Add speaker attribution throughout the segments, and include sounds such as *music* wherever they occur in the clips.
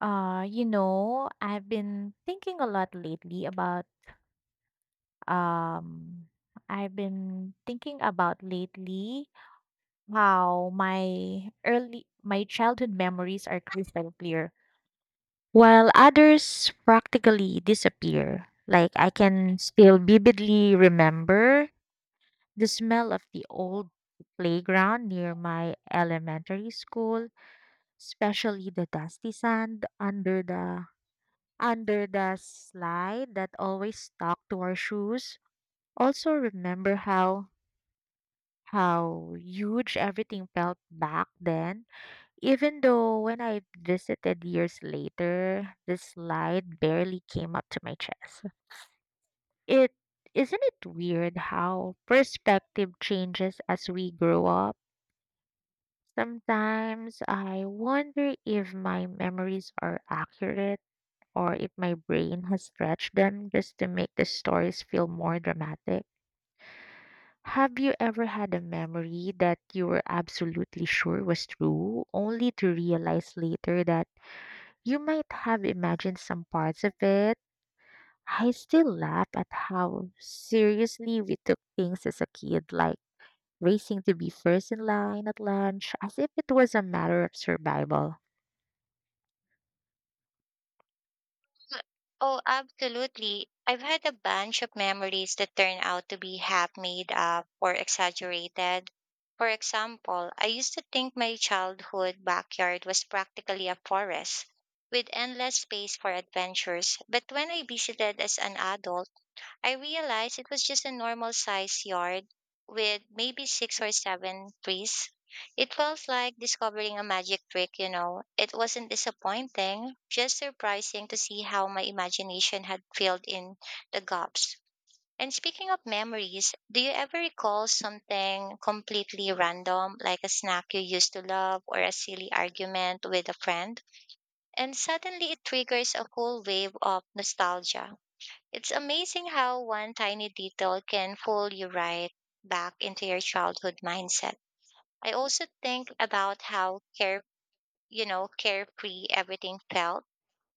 Speaker 1: I've been thinking a lot lately about um I've been thinking about lately how my early my childhood memories are crystal clear, while others practically disappear. Like I can still vividly remember the smell of the old playground near my elementary school, especially the dusty sand under the slide that always stuck to our shoes. Also remember how huge everything felt back then. Even though when I visited years later, the slide barely came up to my chest. It Isn't it weird how perspective changes as we grow up? Sometimes I wonder if my memories are accurate or if my brain has stretched them just to make the stories feel more dramatic. Have you ever had a memory that you were absolutely sure was true, only to realize later that you might have imagined some parts of it? I still laugh at how seriously we took things as a kid, like racing to be first in line at lunch, as if it was a matter of survival.
Speaker 2: Oh, absolutely. I've had a bunch of memories that turn out to be half made up or exaggerated. For example, I used to think my childhood backyard was practically a forest with endless space for adventures. But when I visited as an adult, I realized it was just a normal size yard with maybe six or seven trees. It felt like discovering a magic trick, It wasn't disappointing, just surprising to see how my imagination had filled in the gaps. And speaking of memories, do you ever recall something completely random, like a snack you used to love or a silly argument with a friend? And suddenly it triggers a whole wave of nostalgia. It's amazing how one tiny detail can pull you right back into your childhood mindset. I also think about how carefree everything felt,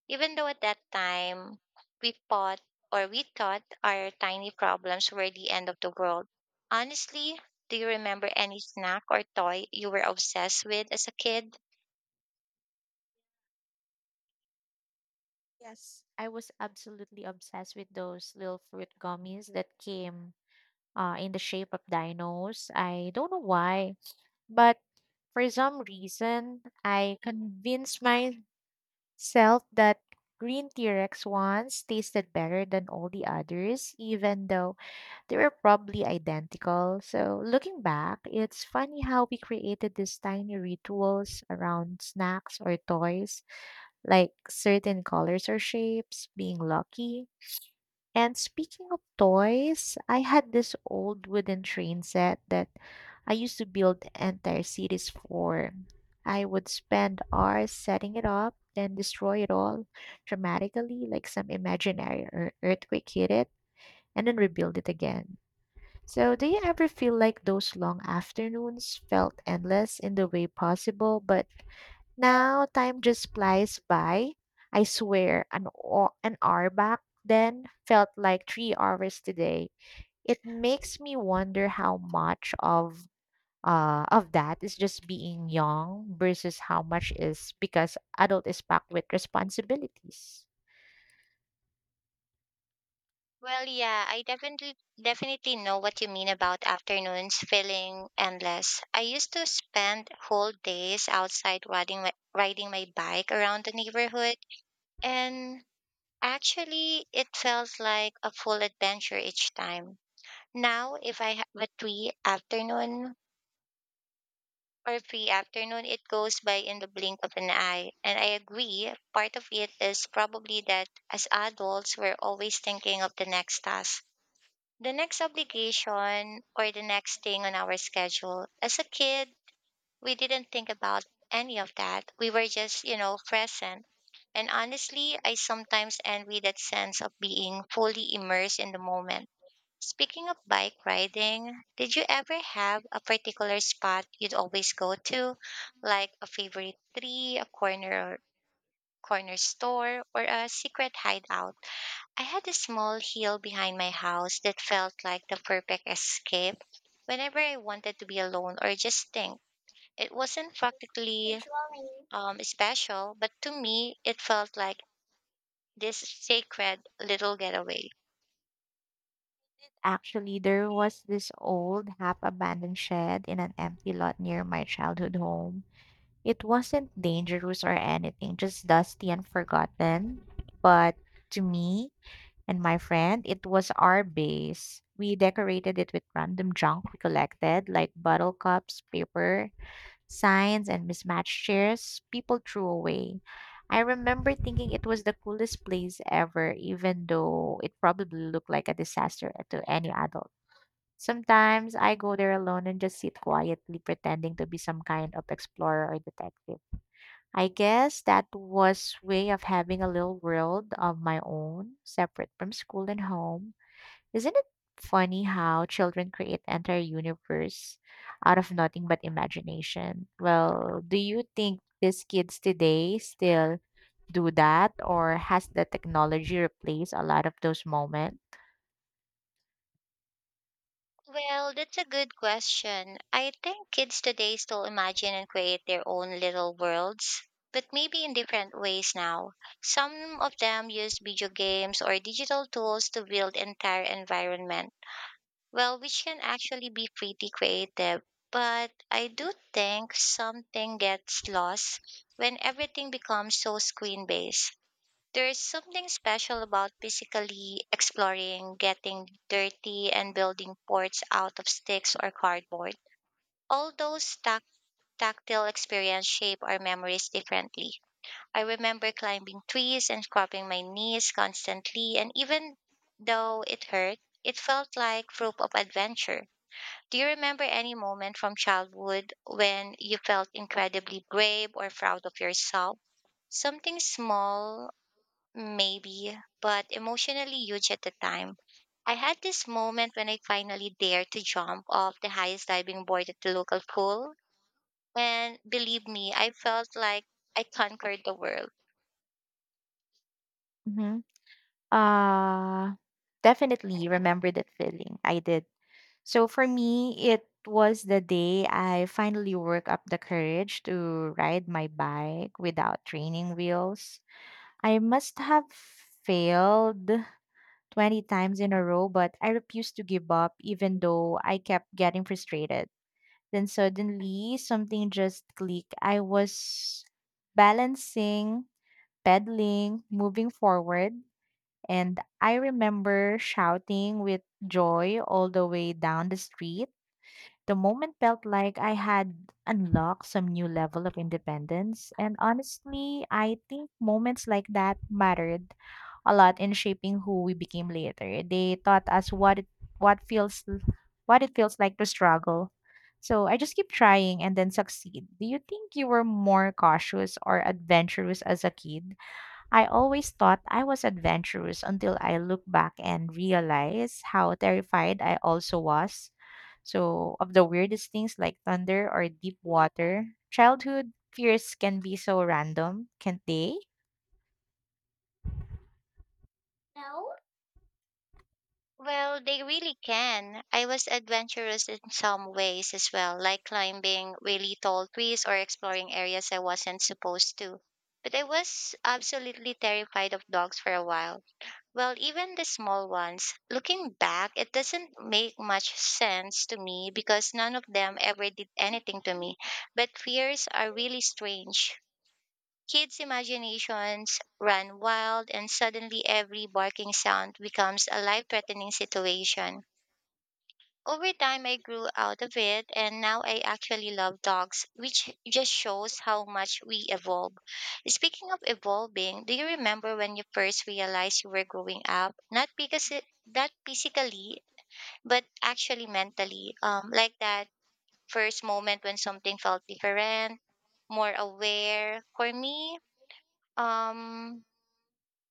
Speaker 2: even though at that time we thought we thought our tiny problems were the end of the world. Honestly, do you remember any snack or toy you were obsessed with as a kid?
Speaker 1: Yes, I was absolutely obsessed with those little fruit gummies that came in the shape of dinos. I don't know why, but for some reason, I convinced myself that green T Rex ones tasted better than all the others, even though they were probably identical. So, looking back, it's funny how we created these tiny rituals around snacks or toys, like certain colors or shapes, being lucky and speaking of toys, I had this old wooden train set that I used to build entire cities for. I would spend hours setting it up, then destroy it all dramatically, like some imaginary earthquake hit it, and then rebuild it again. So, do you ever feel like those long afternoons felt endless in the way possible, but now time just flies by. I swear, an hour back then felt like 3 hours today. It makes me wonder how much of that is just being young versus how much is because adult is packed with responsibilities.
Speaker 2: Well, yeah, I definitely know what you mean about afternoons feeling endless. I used to spend whole days outside riding my bike around the neighborhood, and actually, it felt like a full adventure each time. Now, if I have a free afternoon or free afternoon, it goes by in the blink of an eye. And I agree, part of it is probably that as adults, we're always thinking of the next task. The next obligation or the next thing on our schedule. As a kid, we didn't think about any of that. We were just, present. And honestly, I sometimes envy that sense of being fully immersed in the moment. Speaking of bike riding, did you ever have a particular spot you'd always go to, like a favorite tree, a corner store, or a secret hideout? I had a small hill behind my house that felt like the perfect escape whenever I wanted to be alone or just think. It wasn't practically special, but to me, it felt like this sacred little getaway.
Speaker 1: Actually, there was this old half abandoned shed in an empty lot near my childhood home. It wasn't dangerous or anything, just dusty and forgotten. But to me, and my friend, it was our base. We decorated it with random junk we collected, like bottle cups, paper, signs, and mismatched chairs people threw away. I remember thinking it was the coolest place ever, even though it probably looked like a disaster to any adult. Sometimes I go there alone and just sit quietly, pretending to be some kind of explorer or detective. I guess that was way of having a little world of my own, separate from school and home. Isn't it funny how children create entire universe out of nothing but imagination? Well, do you think these kids today still do that, or has the technology replaced a lot of those moments?
Speaker 2: Well, that's a good question. I think kids today still imagine and create their own little worlds, but maybe in different ways now. Some of them use video games or digital tools to build entire environments. Well, which can actually be pretty creative, but I do think something gets lost when everything becomes so screen based. There's something special about physically exploring, getting dirty, and building forts out of sticks or cardboard. All those tactile experiences shape our memories differently. I remember climbing trees and scrubbing my knees constantly, and even though it hurt, it felt like proof of adventure. Do you remember any moment from childhood when you felt incredibly brave or proud of yourself? Something small, maybe, but emotionally huge at the time. I had this moment when I finally dared to jump off the highest diving board at the local pool. And believe me, I felt like I conquered the world.
Speaker 1: Mm-hmm. Uh, Definitely remember that feeling. I did. So for me, it was the day I finally worked up the courage to ride my bike without training wheels. I must have failed 20 times in a row, but I refused to give up even though I kept getting frustrated. Then suddenly something just clicked. I was balancing, pedaling, moving forward, and I remember shouting with joy all the way down the street the moment felt like I had unlocked some new level of independence. And honestly, I think moments like that mattered a lot in shaping who we became later. They taught us what feels what it feels like to struggle. So I just keep trying and then succeed. Do you think you were more cautious or adventurous as a kid? I always thought I was adventurous until I look back and realize how terrified I also was. So, of the weirdest things like thunder or deep water, childhood fears can be so random, can't they? No.
Speaker 2: Well, they really can. I was adventurous in some ways as well, like climbing really tall trees or exploring areas I wasn't supposed to. But I was absolutely terrified of dogs for a while. Well, even the small ones. Looking back, it doesn't make much sense to me because none of them ever did anything to me. But fears are really strange. Kids' imaginations run wild, and suddenly every barking sound becomes a life threatening situation. Over time, I grew out of it, and now I actually love dogs, which just shows how much we evolve. Speaking of evolving, do you remember when you first realized you were growing up? Not because it, that physically, but actually mentally. Like that first moment when something felt different, more aware. For me, um,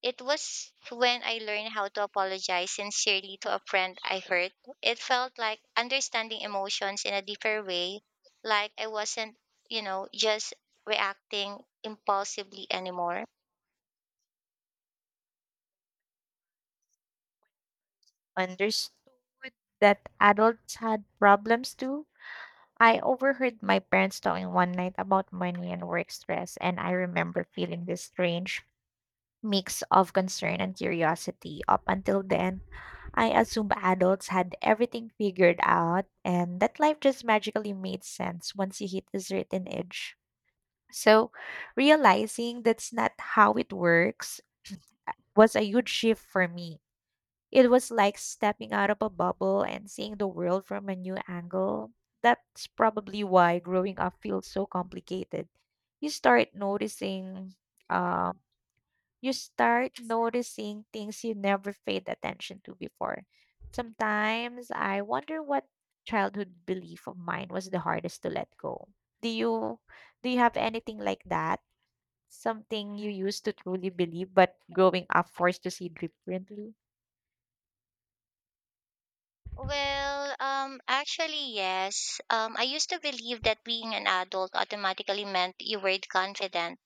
Speaker 2: it was when I learned how to apologize sincerely to a friend I hurt. It felt like understanding emotions in a deeper way, like I wasn't, just reacting impulsively anymore.
Speaker 1: Understood that adults had problems too. I overheard my parents talking one night about money and work stress, and I remember feeling this strange mix of concern and curiosity. Up until then, I assumed adults had everything figured out and that life just magically made sense once you hit a certain age. So, realizing that's not how it works was a huge shift for me. It was like stepping out of a bubble and seeing the world from a new angle. That's probably why growing up feels so complicated. You start noticing, um, you start noticing things you never paid attention to before. Sometimes I wonder what childhood belief of mine was the hardest to let go. Do you do you have anything like that? Something you used to truly believe, but growing up forced to see differently?
Speaker 2: Well, actually, yes. I used to believe that being an adult automatically meant you were confident,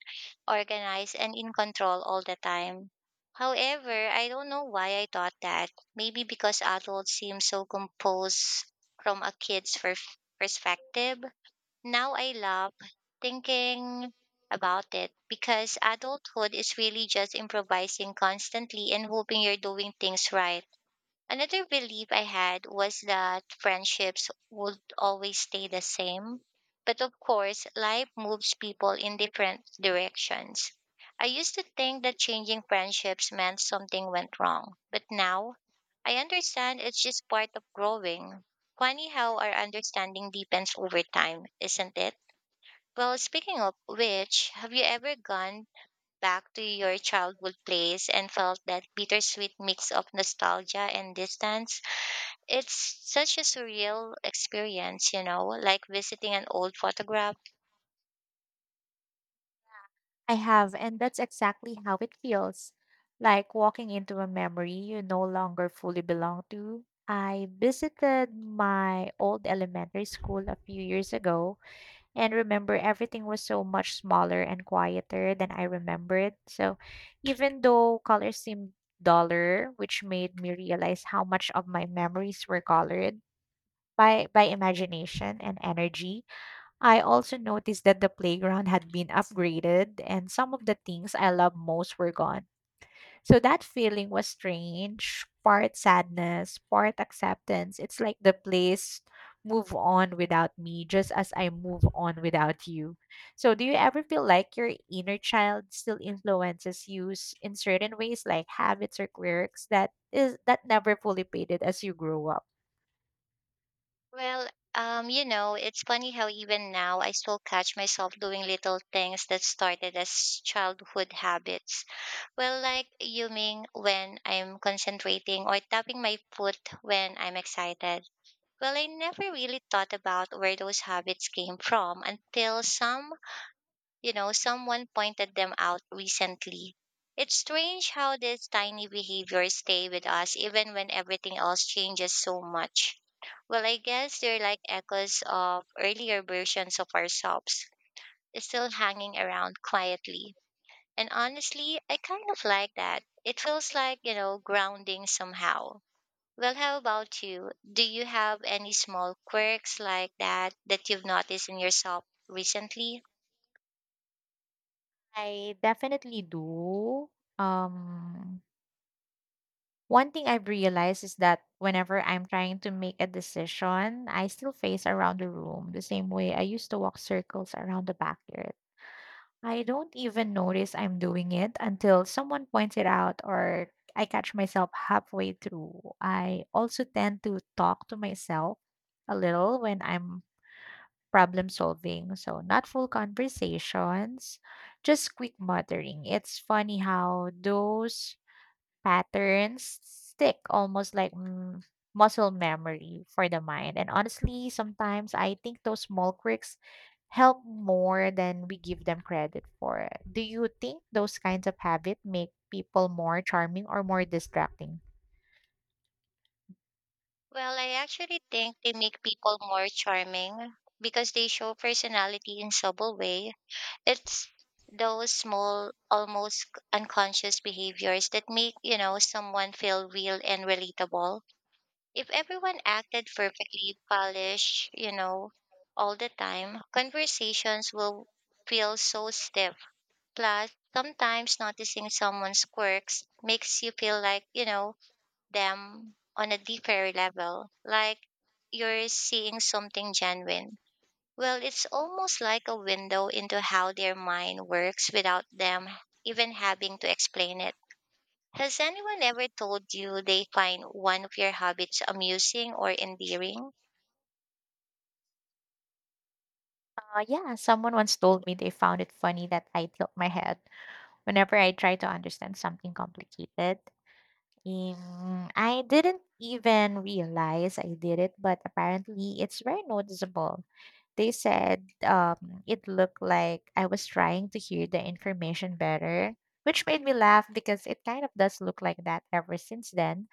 Speaker 2: organized and in control all the time. However, I don't know why I thought that. Maybe because adults seem so composed from a perspective. Now I love thinking about it because adulthood is really just improvising constantly and hoping you're doing things right. Another belief I had was that friendships would always stay the same. But of course, life moves people in different directions. I used to think that changing friendships meant something went wrong, but now I understand it's just part of growing. Funny how our understanding deepens over time, isn't it? Well, speaking of which, have you ever gone back to your childhood place and felt that bittersweet mix of nostalgia and distance? It's such a surreal experience, like visiting an old photograph.
Speaker 1: I have, and that's exactly how it feels. Like walking into a memory you no longer fully belong to. I visited my old elementary school a few years ago and remember everything was so much smaller and quieter than I remembered. So even though colors seemed duller, which made me realize how much of my memories were colored by imagination and energy, I also noticed that the playground had been upgraded and some of the things I loved most were gone. So that feeling was strange, part sadness, part acceptance. It's like the place move on without me just as I move on without you. So do you ever feel like your inner child still influences you in certain ways like habits or quirks that never fully faded as you grow up?
Speaker 2: Well, it's funny how even now I still catch myself doing little things that started as childhood habits. Well, like yawning when I'm concentrating or tapping my foot when I'm excited. Well, I never really thought about where those habits came from until some someone pointed them out recently. It's strange how these tiny behaviors stay with us even when everything else changes so much. Well, I guess they're like echoes of earlier versions of ourselves, still hanging around quietly. And honestly, I kind of like that. It feels like, grounding somehow. Well, how about you? Do you have any small quirks like that that you've noticed in yourself recently?
Speaker 1: I definitely do. Um One thing I've realized is that whenever I'm trying to make a decision, I still face around the room the same way I used to walk circles around the backyard. I don't even notice I'm doing it until someone points it out or I catch myself halfway through. I also tend to talk to myself a little when I'm problem solving, so not full conversations, just quick muttering. It's funny how those patterns stick almost like muscle memory for the mind. And honestly, sometimes I think those small quirks help more than we give them credit for. Do you think those kinds of habits make people more charming or more distracting?
Speaker 2: Well, I actually think they make people more charming because they show personality in subtle way. It's those small, almost unconscious behaviors that make, someone feel real and relatable. If everyone acted perfectly polished, all the time, conversations will feel so stiff. Plus, sometimes noticing someone's quirks makes you feel like, them on a deeper level, like you're seeing something genuine. Well, it's almost like a window into how their mind works without them even having to explain it. Has anyone ever told you they find one of your habits amusing or endearing?
Speaker 1: Yeah, someone once told me they found it funny that I tilt my head whenever I try to understand something complicated. I didn't even realize I did it, but apparently it's very noticeable. They said it looked like I was trying to hear the information better, which made me laugh because it kind of does look like that ever since then.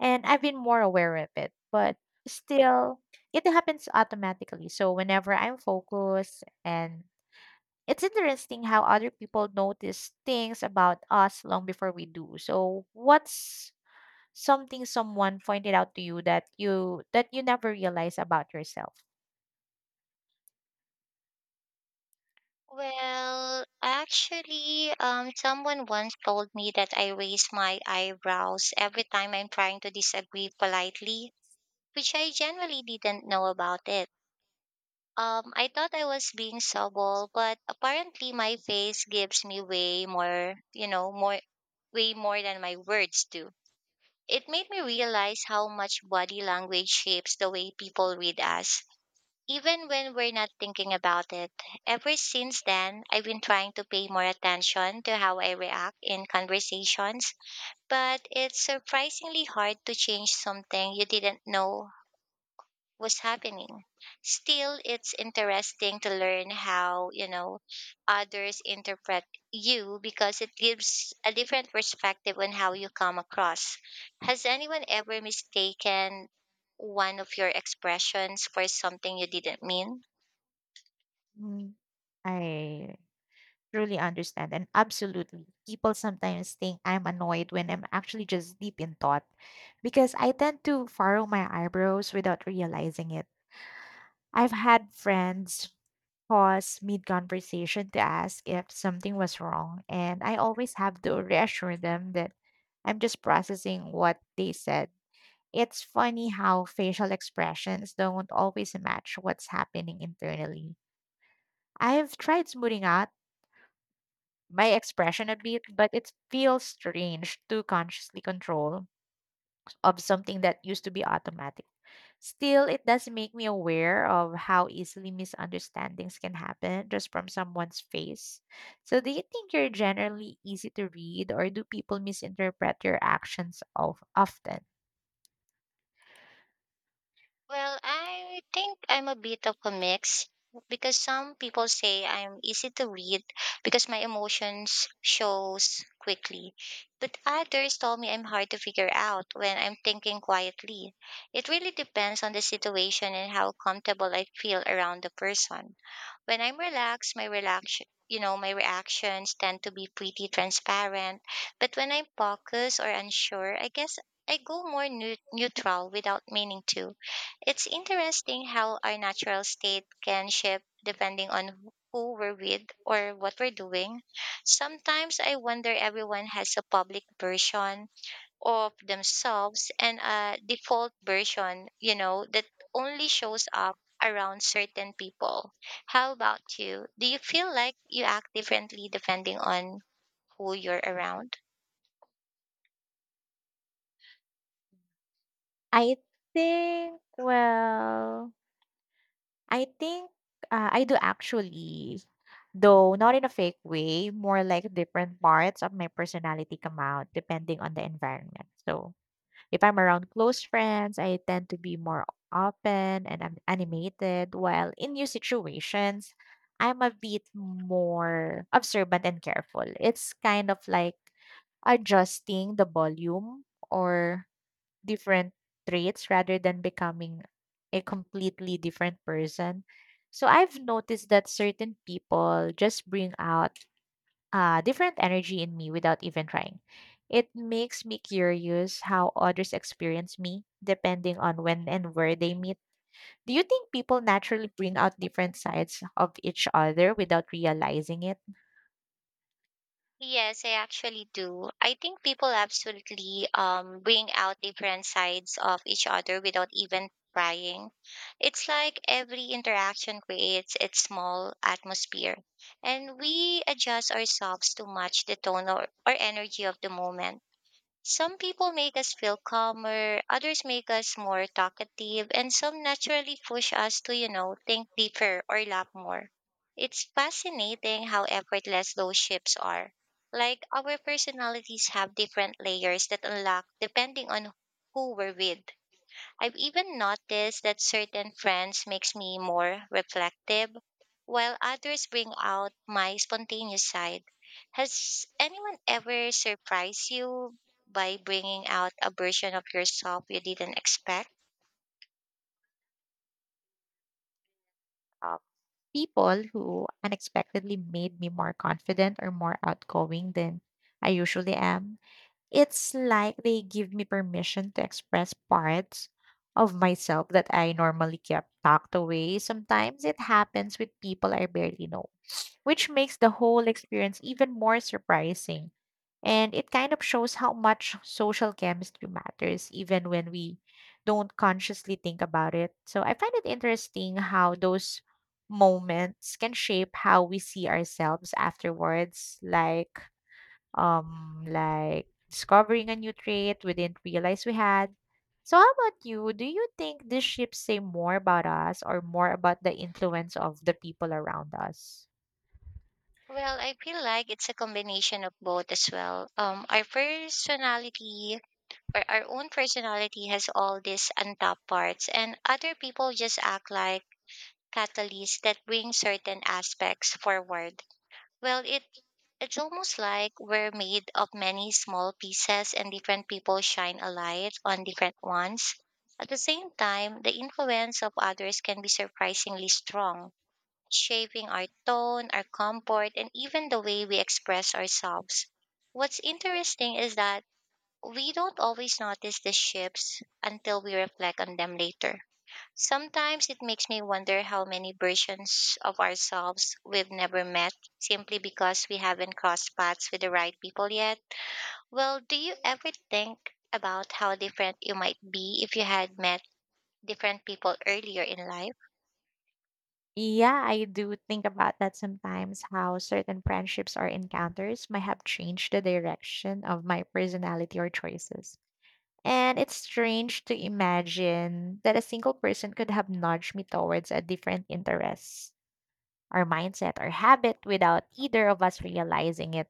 Speaker 1: And I've been more aware of it, but still, it happens automatically. So whenever I'm focused, and it's interesting how other people notice things about us long before we do. So, what's something someone pointed out to you that you never realize about yourself.
Speaker 2: Well, actually, someone once told me that I raise my eyebrows every time I'm trying to disagree politely, which I generally didn't know about it. I thought I was being subtle, but apparently my face gives me way more, you know, more, way more than my words do. It made me realize how much body language shapes the way people read us, even when we're not thinking about it. Ever since then, I've been trying to pay more attention to how I react in conversations, but it's surprisingly hard to change something you didn't know was happening. Still, it's interesting to learn how, others interpret you because it gives a different perspective on how you come across. Has anyone ever mistaken one of your expressions for something you didn't mean?
Speaker 1: Mm. I truly understand and absolutely people sometimes think I'm annoyed when I'm actually just deep in thought because I tend to furrow my eyebrows without realizing it. I've had friends pause mid conversation to ask if something was wrong and I always have to reassure them that I'm just processing what they said. It's funny how facial expressions don't always match what's happening internally. I've tried smoothing out my expression a bit, but it feels strange to consciously control of something that used to be automatic. Still, it does make me aware of how easily misunderstandings can happen just from someone's face. So, do you think you're generally easy to read, or do people misinterpret your actions of often?
Speaker 2: Well, I think I'm a bit of a mix because some people say I'm easy to read because my emotions shows quickly. But others told me I'm hard to figure out when I'm thinking quietly. It really depends on the situation and how comfortable I feel around the person. When I'm relaxed, my relax my reactions tend to be pretty transparent. But when I'm focused or unsure, I guess I go more neutral without meaning to. It's interesting how our natural state can shift depending on who we're with or what we're doing. Sometimes I wonder everyone has a public version of themselves and a default version, that only shows up around certain people. How about you? Do you feel like you act differently depending on who you're around?
Speaker 1: I think, well, I think, I do actually, though not in a fake way, more like different parts of my personality come out depending on the environment. So if I'm around close friends, I tend to be more open and I'm animated, while in new situations, I'm a bit more observant and careful. It's kind of like adjusting the volume or different traits rather than becoming a completely different person. So I've noticed that certain people just bring out different energy in me without even trying. It makes me curious how others experience me depending on when and where they meet. Do you think people naturally bring out different sides of each other without realizing it?
Speaker 2: Yes, I actually do. I think people absolutely bring out different sides of each other without even trying. It's like every interaction creates its small atmosphere, and we adjust ourselves to match the or energy of the moment. Some people make us feel calmer, others make us more talkative, and some naturally push us to, think deeper or laugh more. It's fascinating how effortless those shifts are. Like our personalities have different layers that unlock depending on who we're with. I've even noticed that certain friends makes me more reflective while others bring out my spontaneous side. Has anyone ever surprised you by bringing out a version of yourself you didn't expect?
Speaker 1: Uh, People who unexpectedly made me more confident or more outgoing than I usually am. It's like they give me permission to express parts of myself that I normally kept tucked away. Sometimes it happens with people I barely know, which makes the whole experience even more surprising. And it kind of shows how much social chemistry matters, even when we don't consciously think about it. So I find it interesting how those moments can shape how we see ourselves afterwards. Like discovering a new trait we didn't realize we had. So how about you? Do you think these ships say more about us or more about the influence of the people around us?
Speaker 2: Well, I feel like it's a combination of both as well. Our own personality has all these untapped parts, and other people just act like catalysts that bring certain aspects forward. Well, it It's almost like we're made of many small pieces and different people shine a light on different ones. At the same time, the influence of others can be surprisingly strong, shaping our tone, our comfort, and even the way we express ourselves. What's interesting is that we don't always notice the shifts until we reflect on them later. Sometimes it makes me wonder how many versions of ourselves we've never met simply because we haven't crossed paths with the right people yet. Well, do you ever think about how different you might be if you had met different people earlier in life?
Speaker 1: Yeah, I do think about that sometimes, how certain friendships or encounters might have changed the direction of my personality or choices. And it's strange to imagine that a single person could have nudged me towards a different interest, our mindset, or habit without either of us realizing it.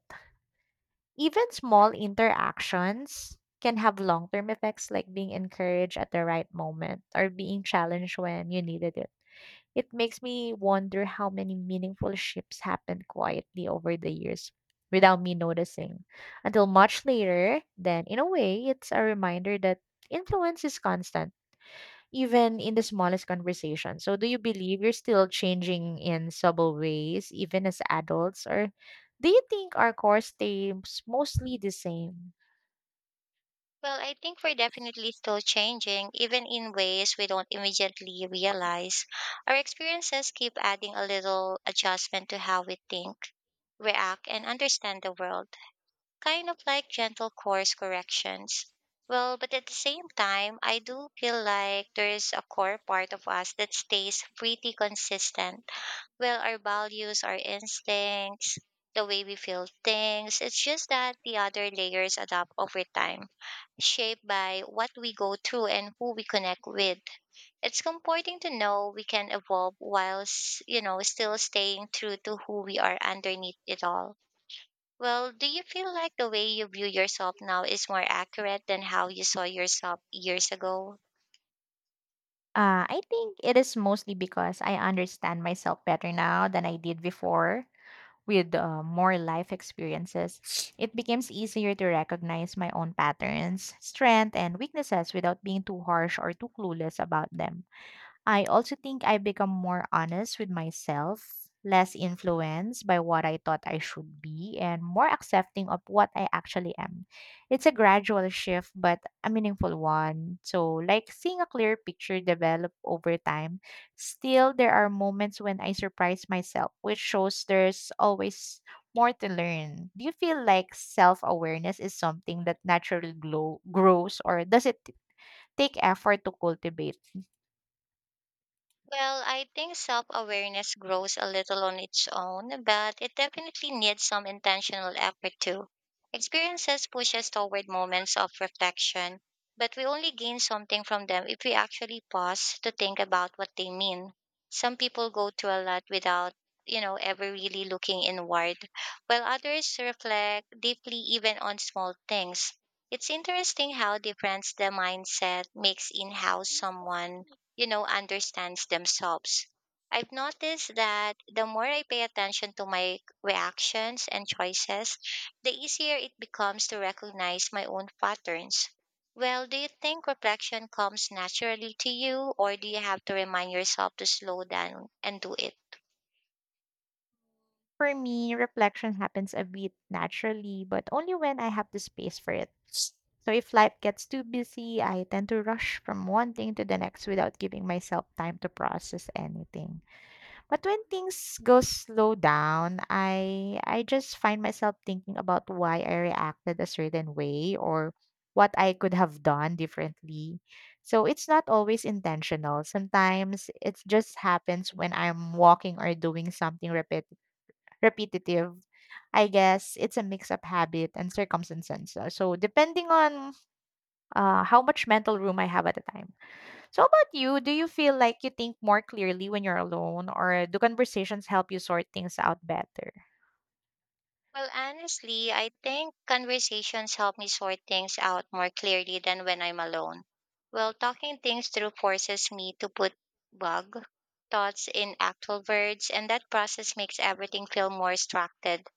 Speaker 1: Even small interactions can have long term effects, like being encouraged at the right moment or being challenged when you needed it. It makes me wonder how many meaningful shifts happened quietly over the years without me noticing until much later. Then, in a way, it's a reminder that influence is constant even in the smallest conversation. So, do you believe you're still changing in subtle ways, even as adults? Or do you think our core stays mostly the same?
Speaker 2: Well, I think we're definitely still changing, even in ways we don't immediately realize. Our experiences keep adding a little adjustment to how we think, react, and understand the world, kind of like gentle course corrections. Well, but at the same time, I do feel like there is a core part of us that stays pretty consistent. Well, our values, our instincts, the way we feel things, it's just that the other layers adapt over time, shaped by what we go through and who we connect with. It's comforting to know we can evolve while, still staying true to who we are underneath it all. Well, do you feel like the way you view yourself now is more accurate than how you saw yourself years ago?
Speaker 1: I think it is, mostly because I understand myself better now than I did before with more life experiences. *sniffs* It becomes easier to recognize my own patterns, strengths, and weaknesses without being too harsh or too clueless about them. I also think I've become more honest with myself, less influenced by what I thought I should be, and more accepting of what I actually am. It's a gradual shift, but a meaningful one. So, like seeing a clear picture develop over time, still, there are moments when I surprise myself, which shows there's always more to learn. Do you feel like self awareness is something that naturally grows, or does it take effort to cultivate?
Speaker 2: Well, I think self awareness grows a little on its own, but it definitely needs some intentional effort too. Experiences push us toward moments of reflection, but we only gain something from them if we actually pause to think about what they mean. Some people go through a lot without ever really looking inward, while others reflect deeply even on small things. It's interesting how different the mindset makes in how someone understands themselves. I've noticed that the more I pay attention to my reactions and choices, the easier it becomes to recognize my own patterns. Well, do you think reflection comes naturally to you, or do you have to remind yourself to slow down and do it?
Speaker 1: For me, reflection happens a bit naturally, but only when I have the space for it. So if life gets too busy, I tend to rush from one thing to the next without giving myself time to process anything. But when things go slow down, I just find myself thinking about why I reacted a certain way or what I could have done differently. So it's not always intentional. Sometimes it just happens when I'm walking or doing something repetitive. I guess it's a mix of habit and circumstances. So depending on how much mental room I have at the time. So how about you? Do you feel like you think more clearly when you're alone, or do conversations help you sort things out better?
Speaker 2: Well, honestly, I think conversations help me sort things out more clearly than when I'm alone. Well, talking things through forces me to put bug thoughts in actual words, and that process makes everything feel more structured.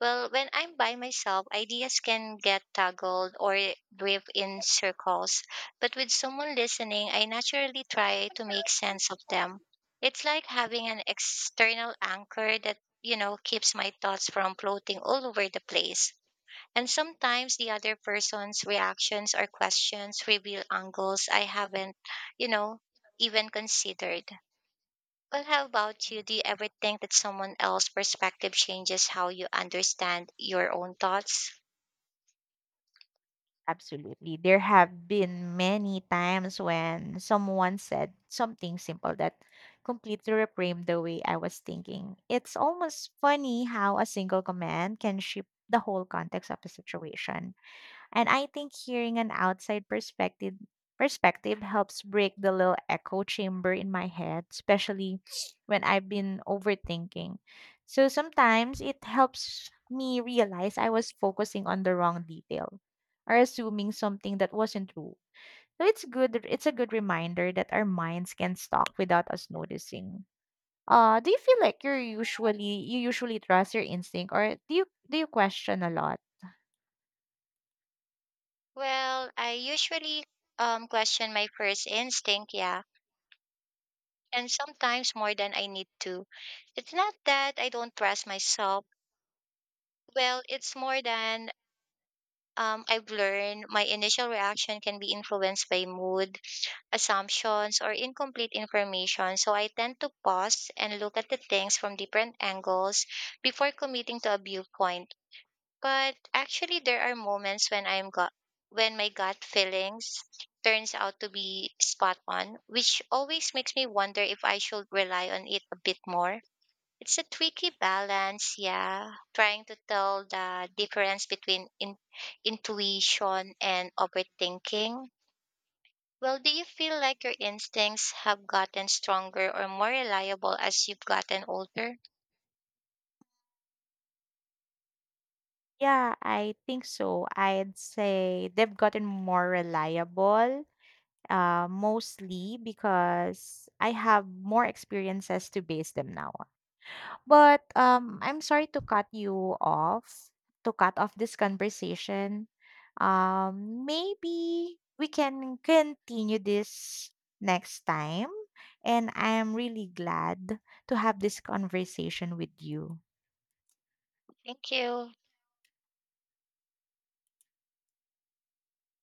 Speaker 2: Well, when I'm by myself, ideas can get tangled or drift in circles, but with someone listening, I naturally try to make sense of them. It's like having an external anchor that keeps my thoughts from floating all over the place. And sometimes the other person's reactions or questions reveal angles I haven't, you know, even considered. Well, how about you? Do you ever think that someone else's perspective changes how you understand your own thoughts?
Speaker 1: Absolutely. There have been many times when someone said something simple that completely reframed the way I was thinking. It's almost funny how a single comment can shift the whole context of a situation. And I think hearing an outside perspective helps break the little echo chamber in my head, especially when I've been overthinking. So sometimes it helps me realize I was focusing on the wrong detail or assuming something that wasn't true. So it's a good reminder that our minds can stop without us noticing. Do you feel like you usually trust your instinct, or do you question a lot?
Speaker 2: Well, I usually question my first instinct, yeah, and sometimes more than I need to. It's not that I don't trust myself. Well, it's more than I've learned my initial reaction can be influenced by mood, assumptions, or incomplete information. So I tend to pause and look at the things from different angles before committing to a viewpoint. But actually, there are moments when I'm got when my gut feelings turns out to be spot on, which always makes me wonder if I should rely on it a bit more. It's a tricky balance, yeah, trying to tell the difference between intuition and overthinking. Well, do you feel like your instincts have gotten stronger or more reliable as you've gotten older?
Speaker 1: Yeah, I think so. I'd say they've gotten more reliable, mostly because I have more experiences to base them now on. But I'm sorry to cut you off, to cut off this conversation. Maybe we can continue this next time. And I am really glad to have this conversation with you.
Speaker 2: Thank you.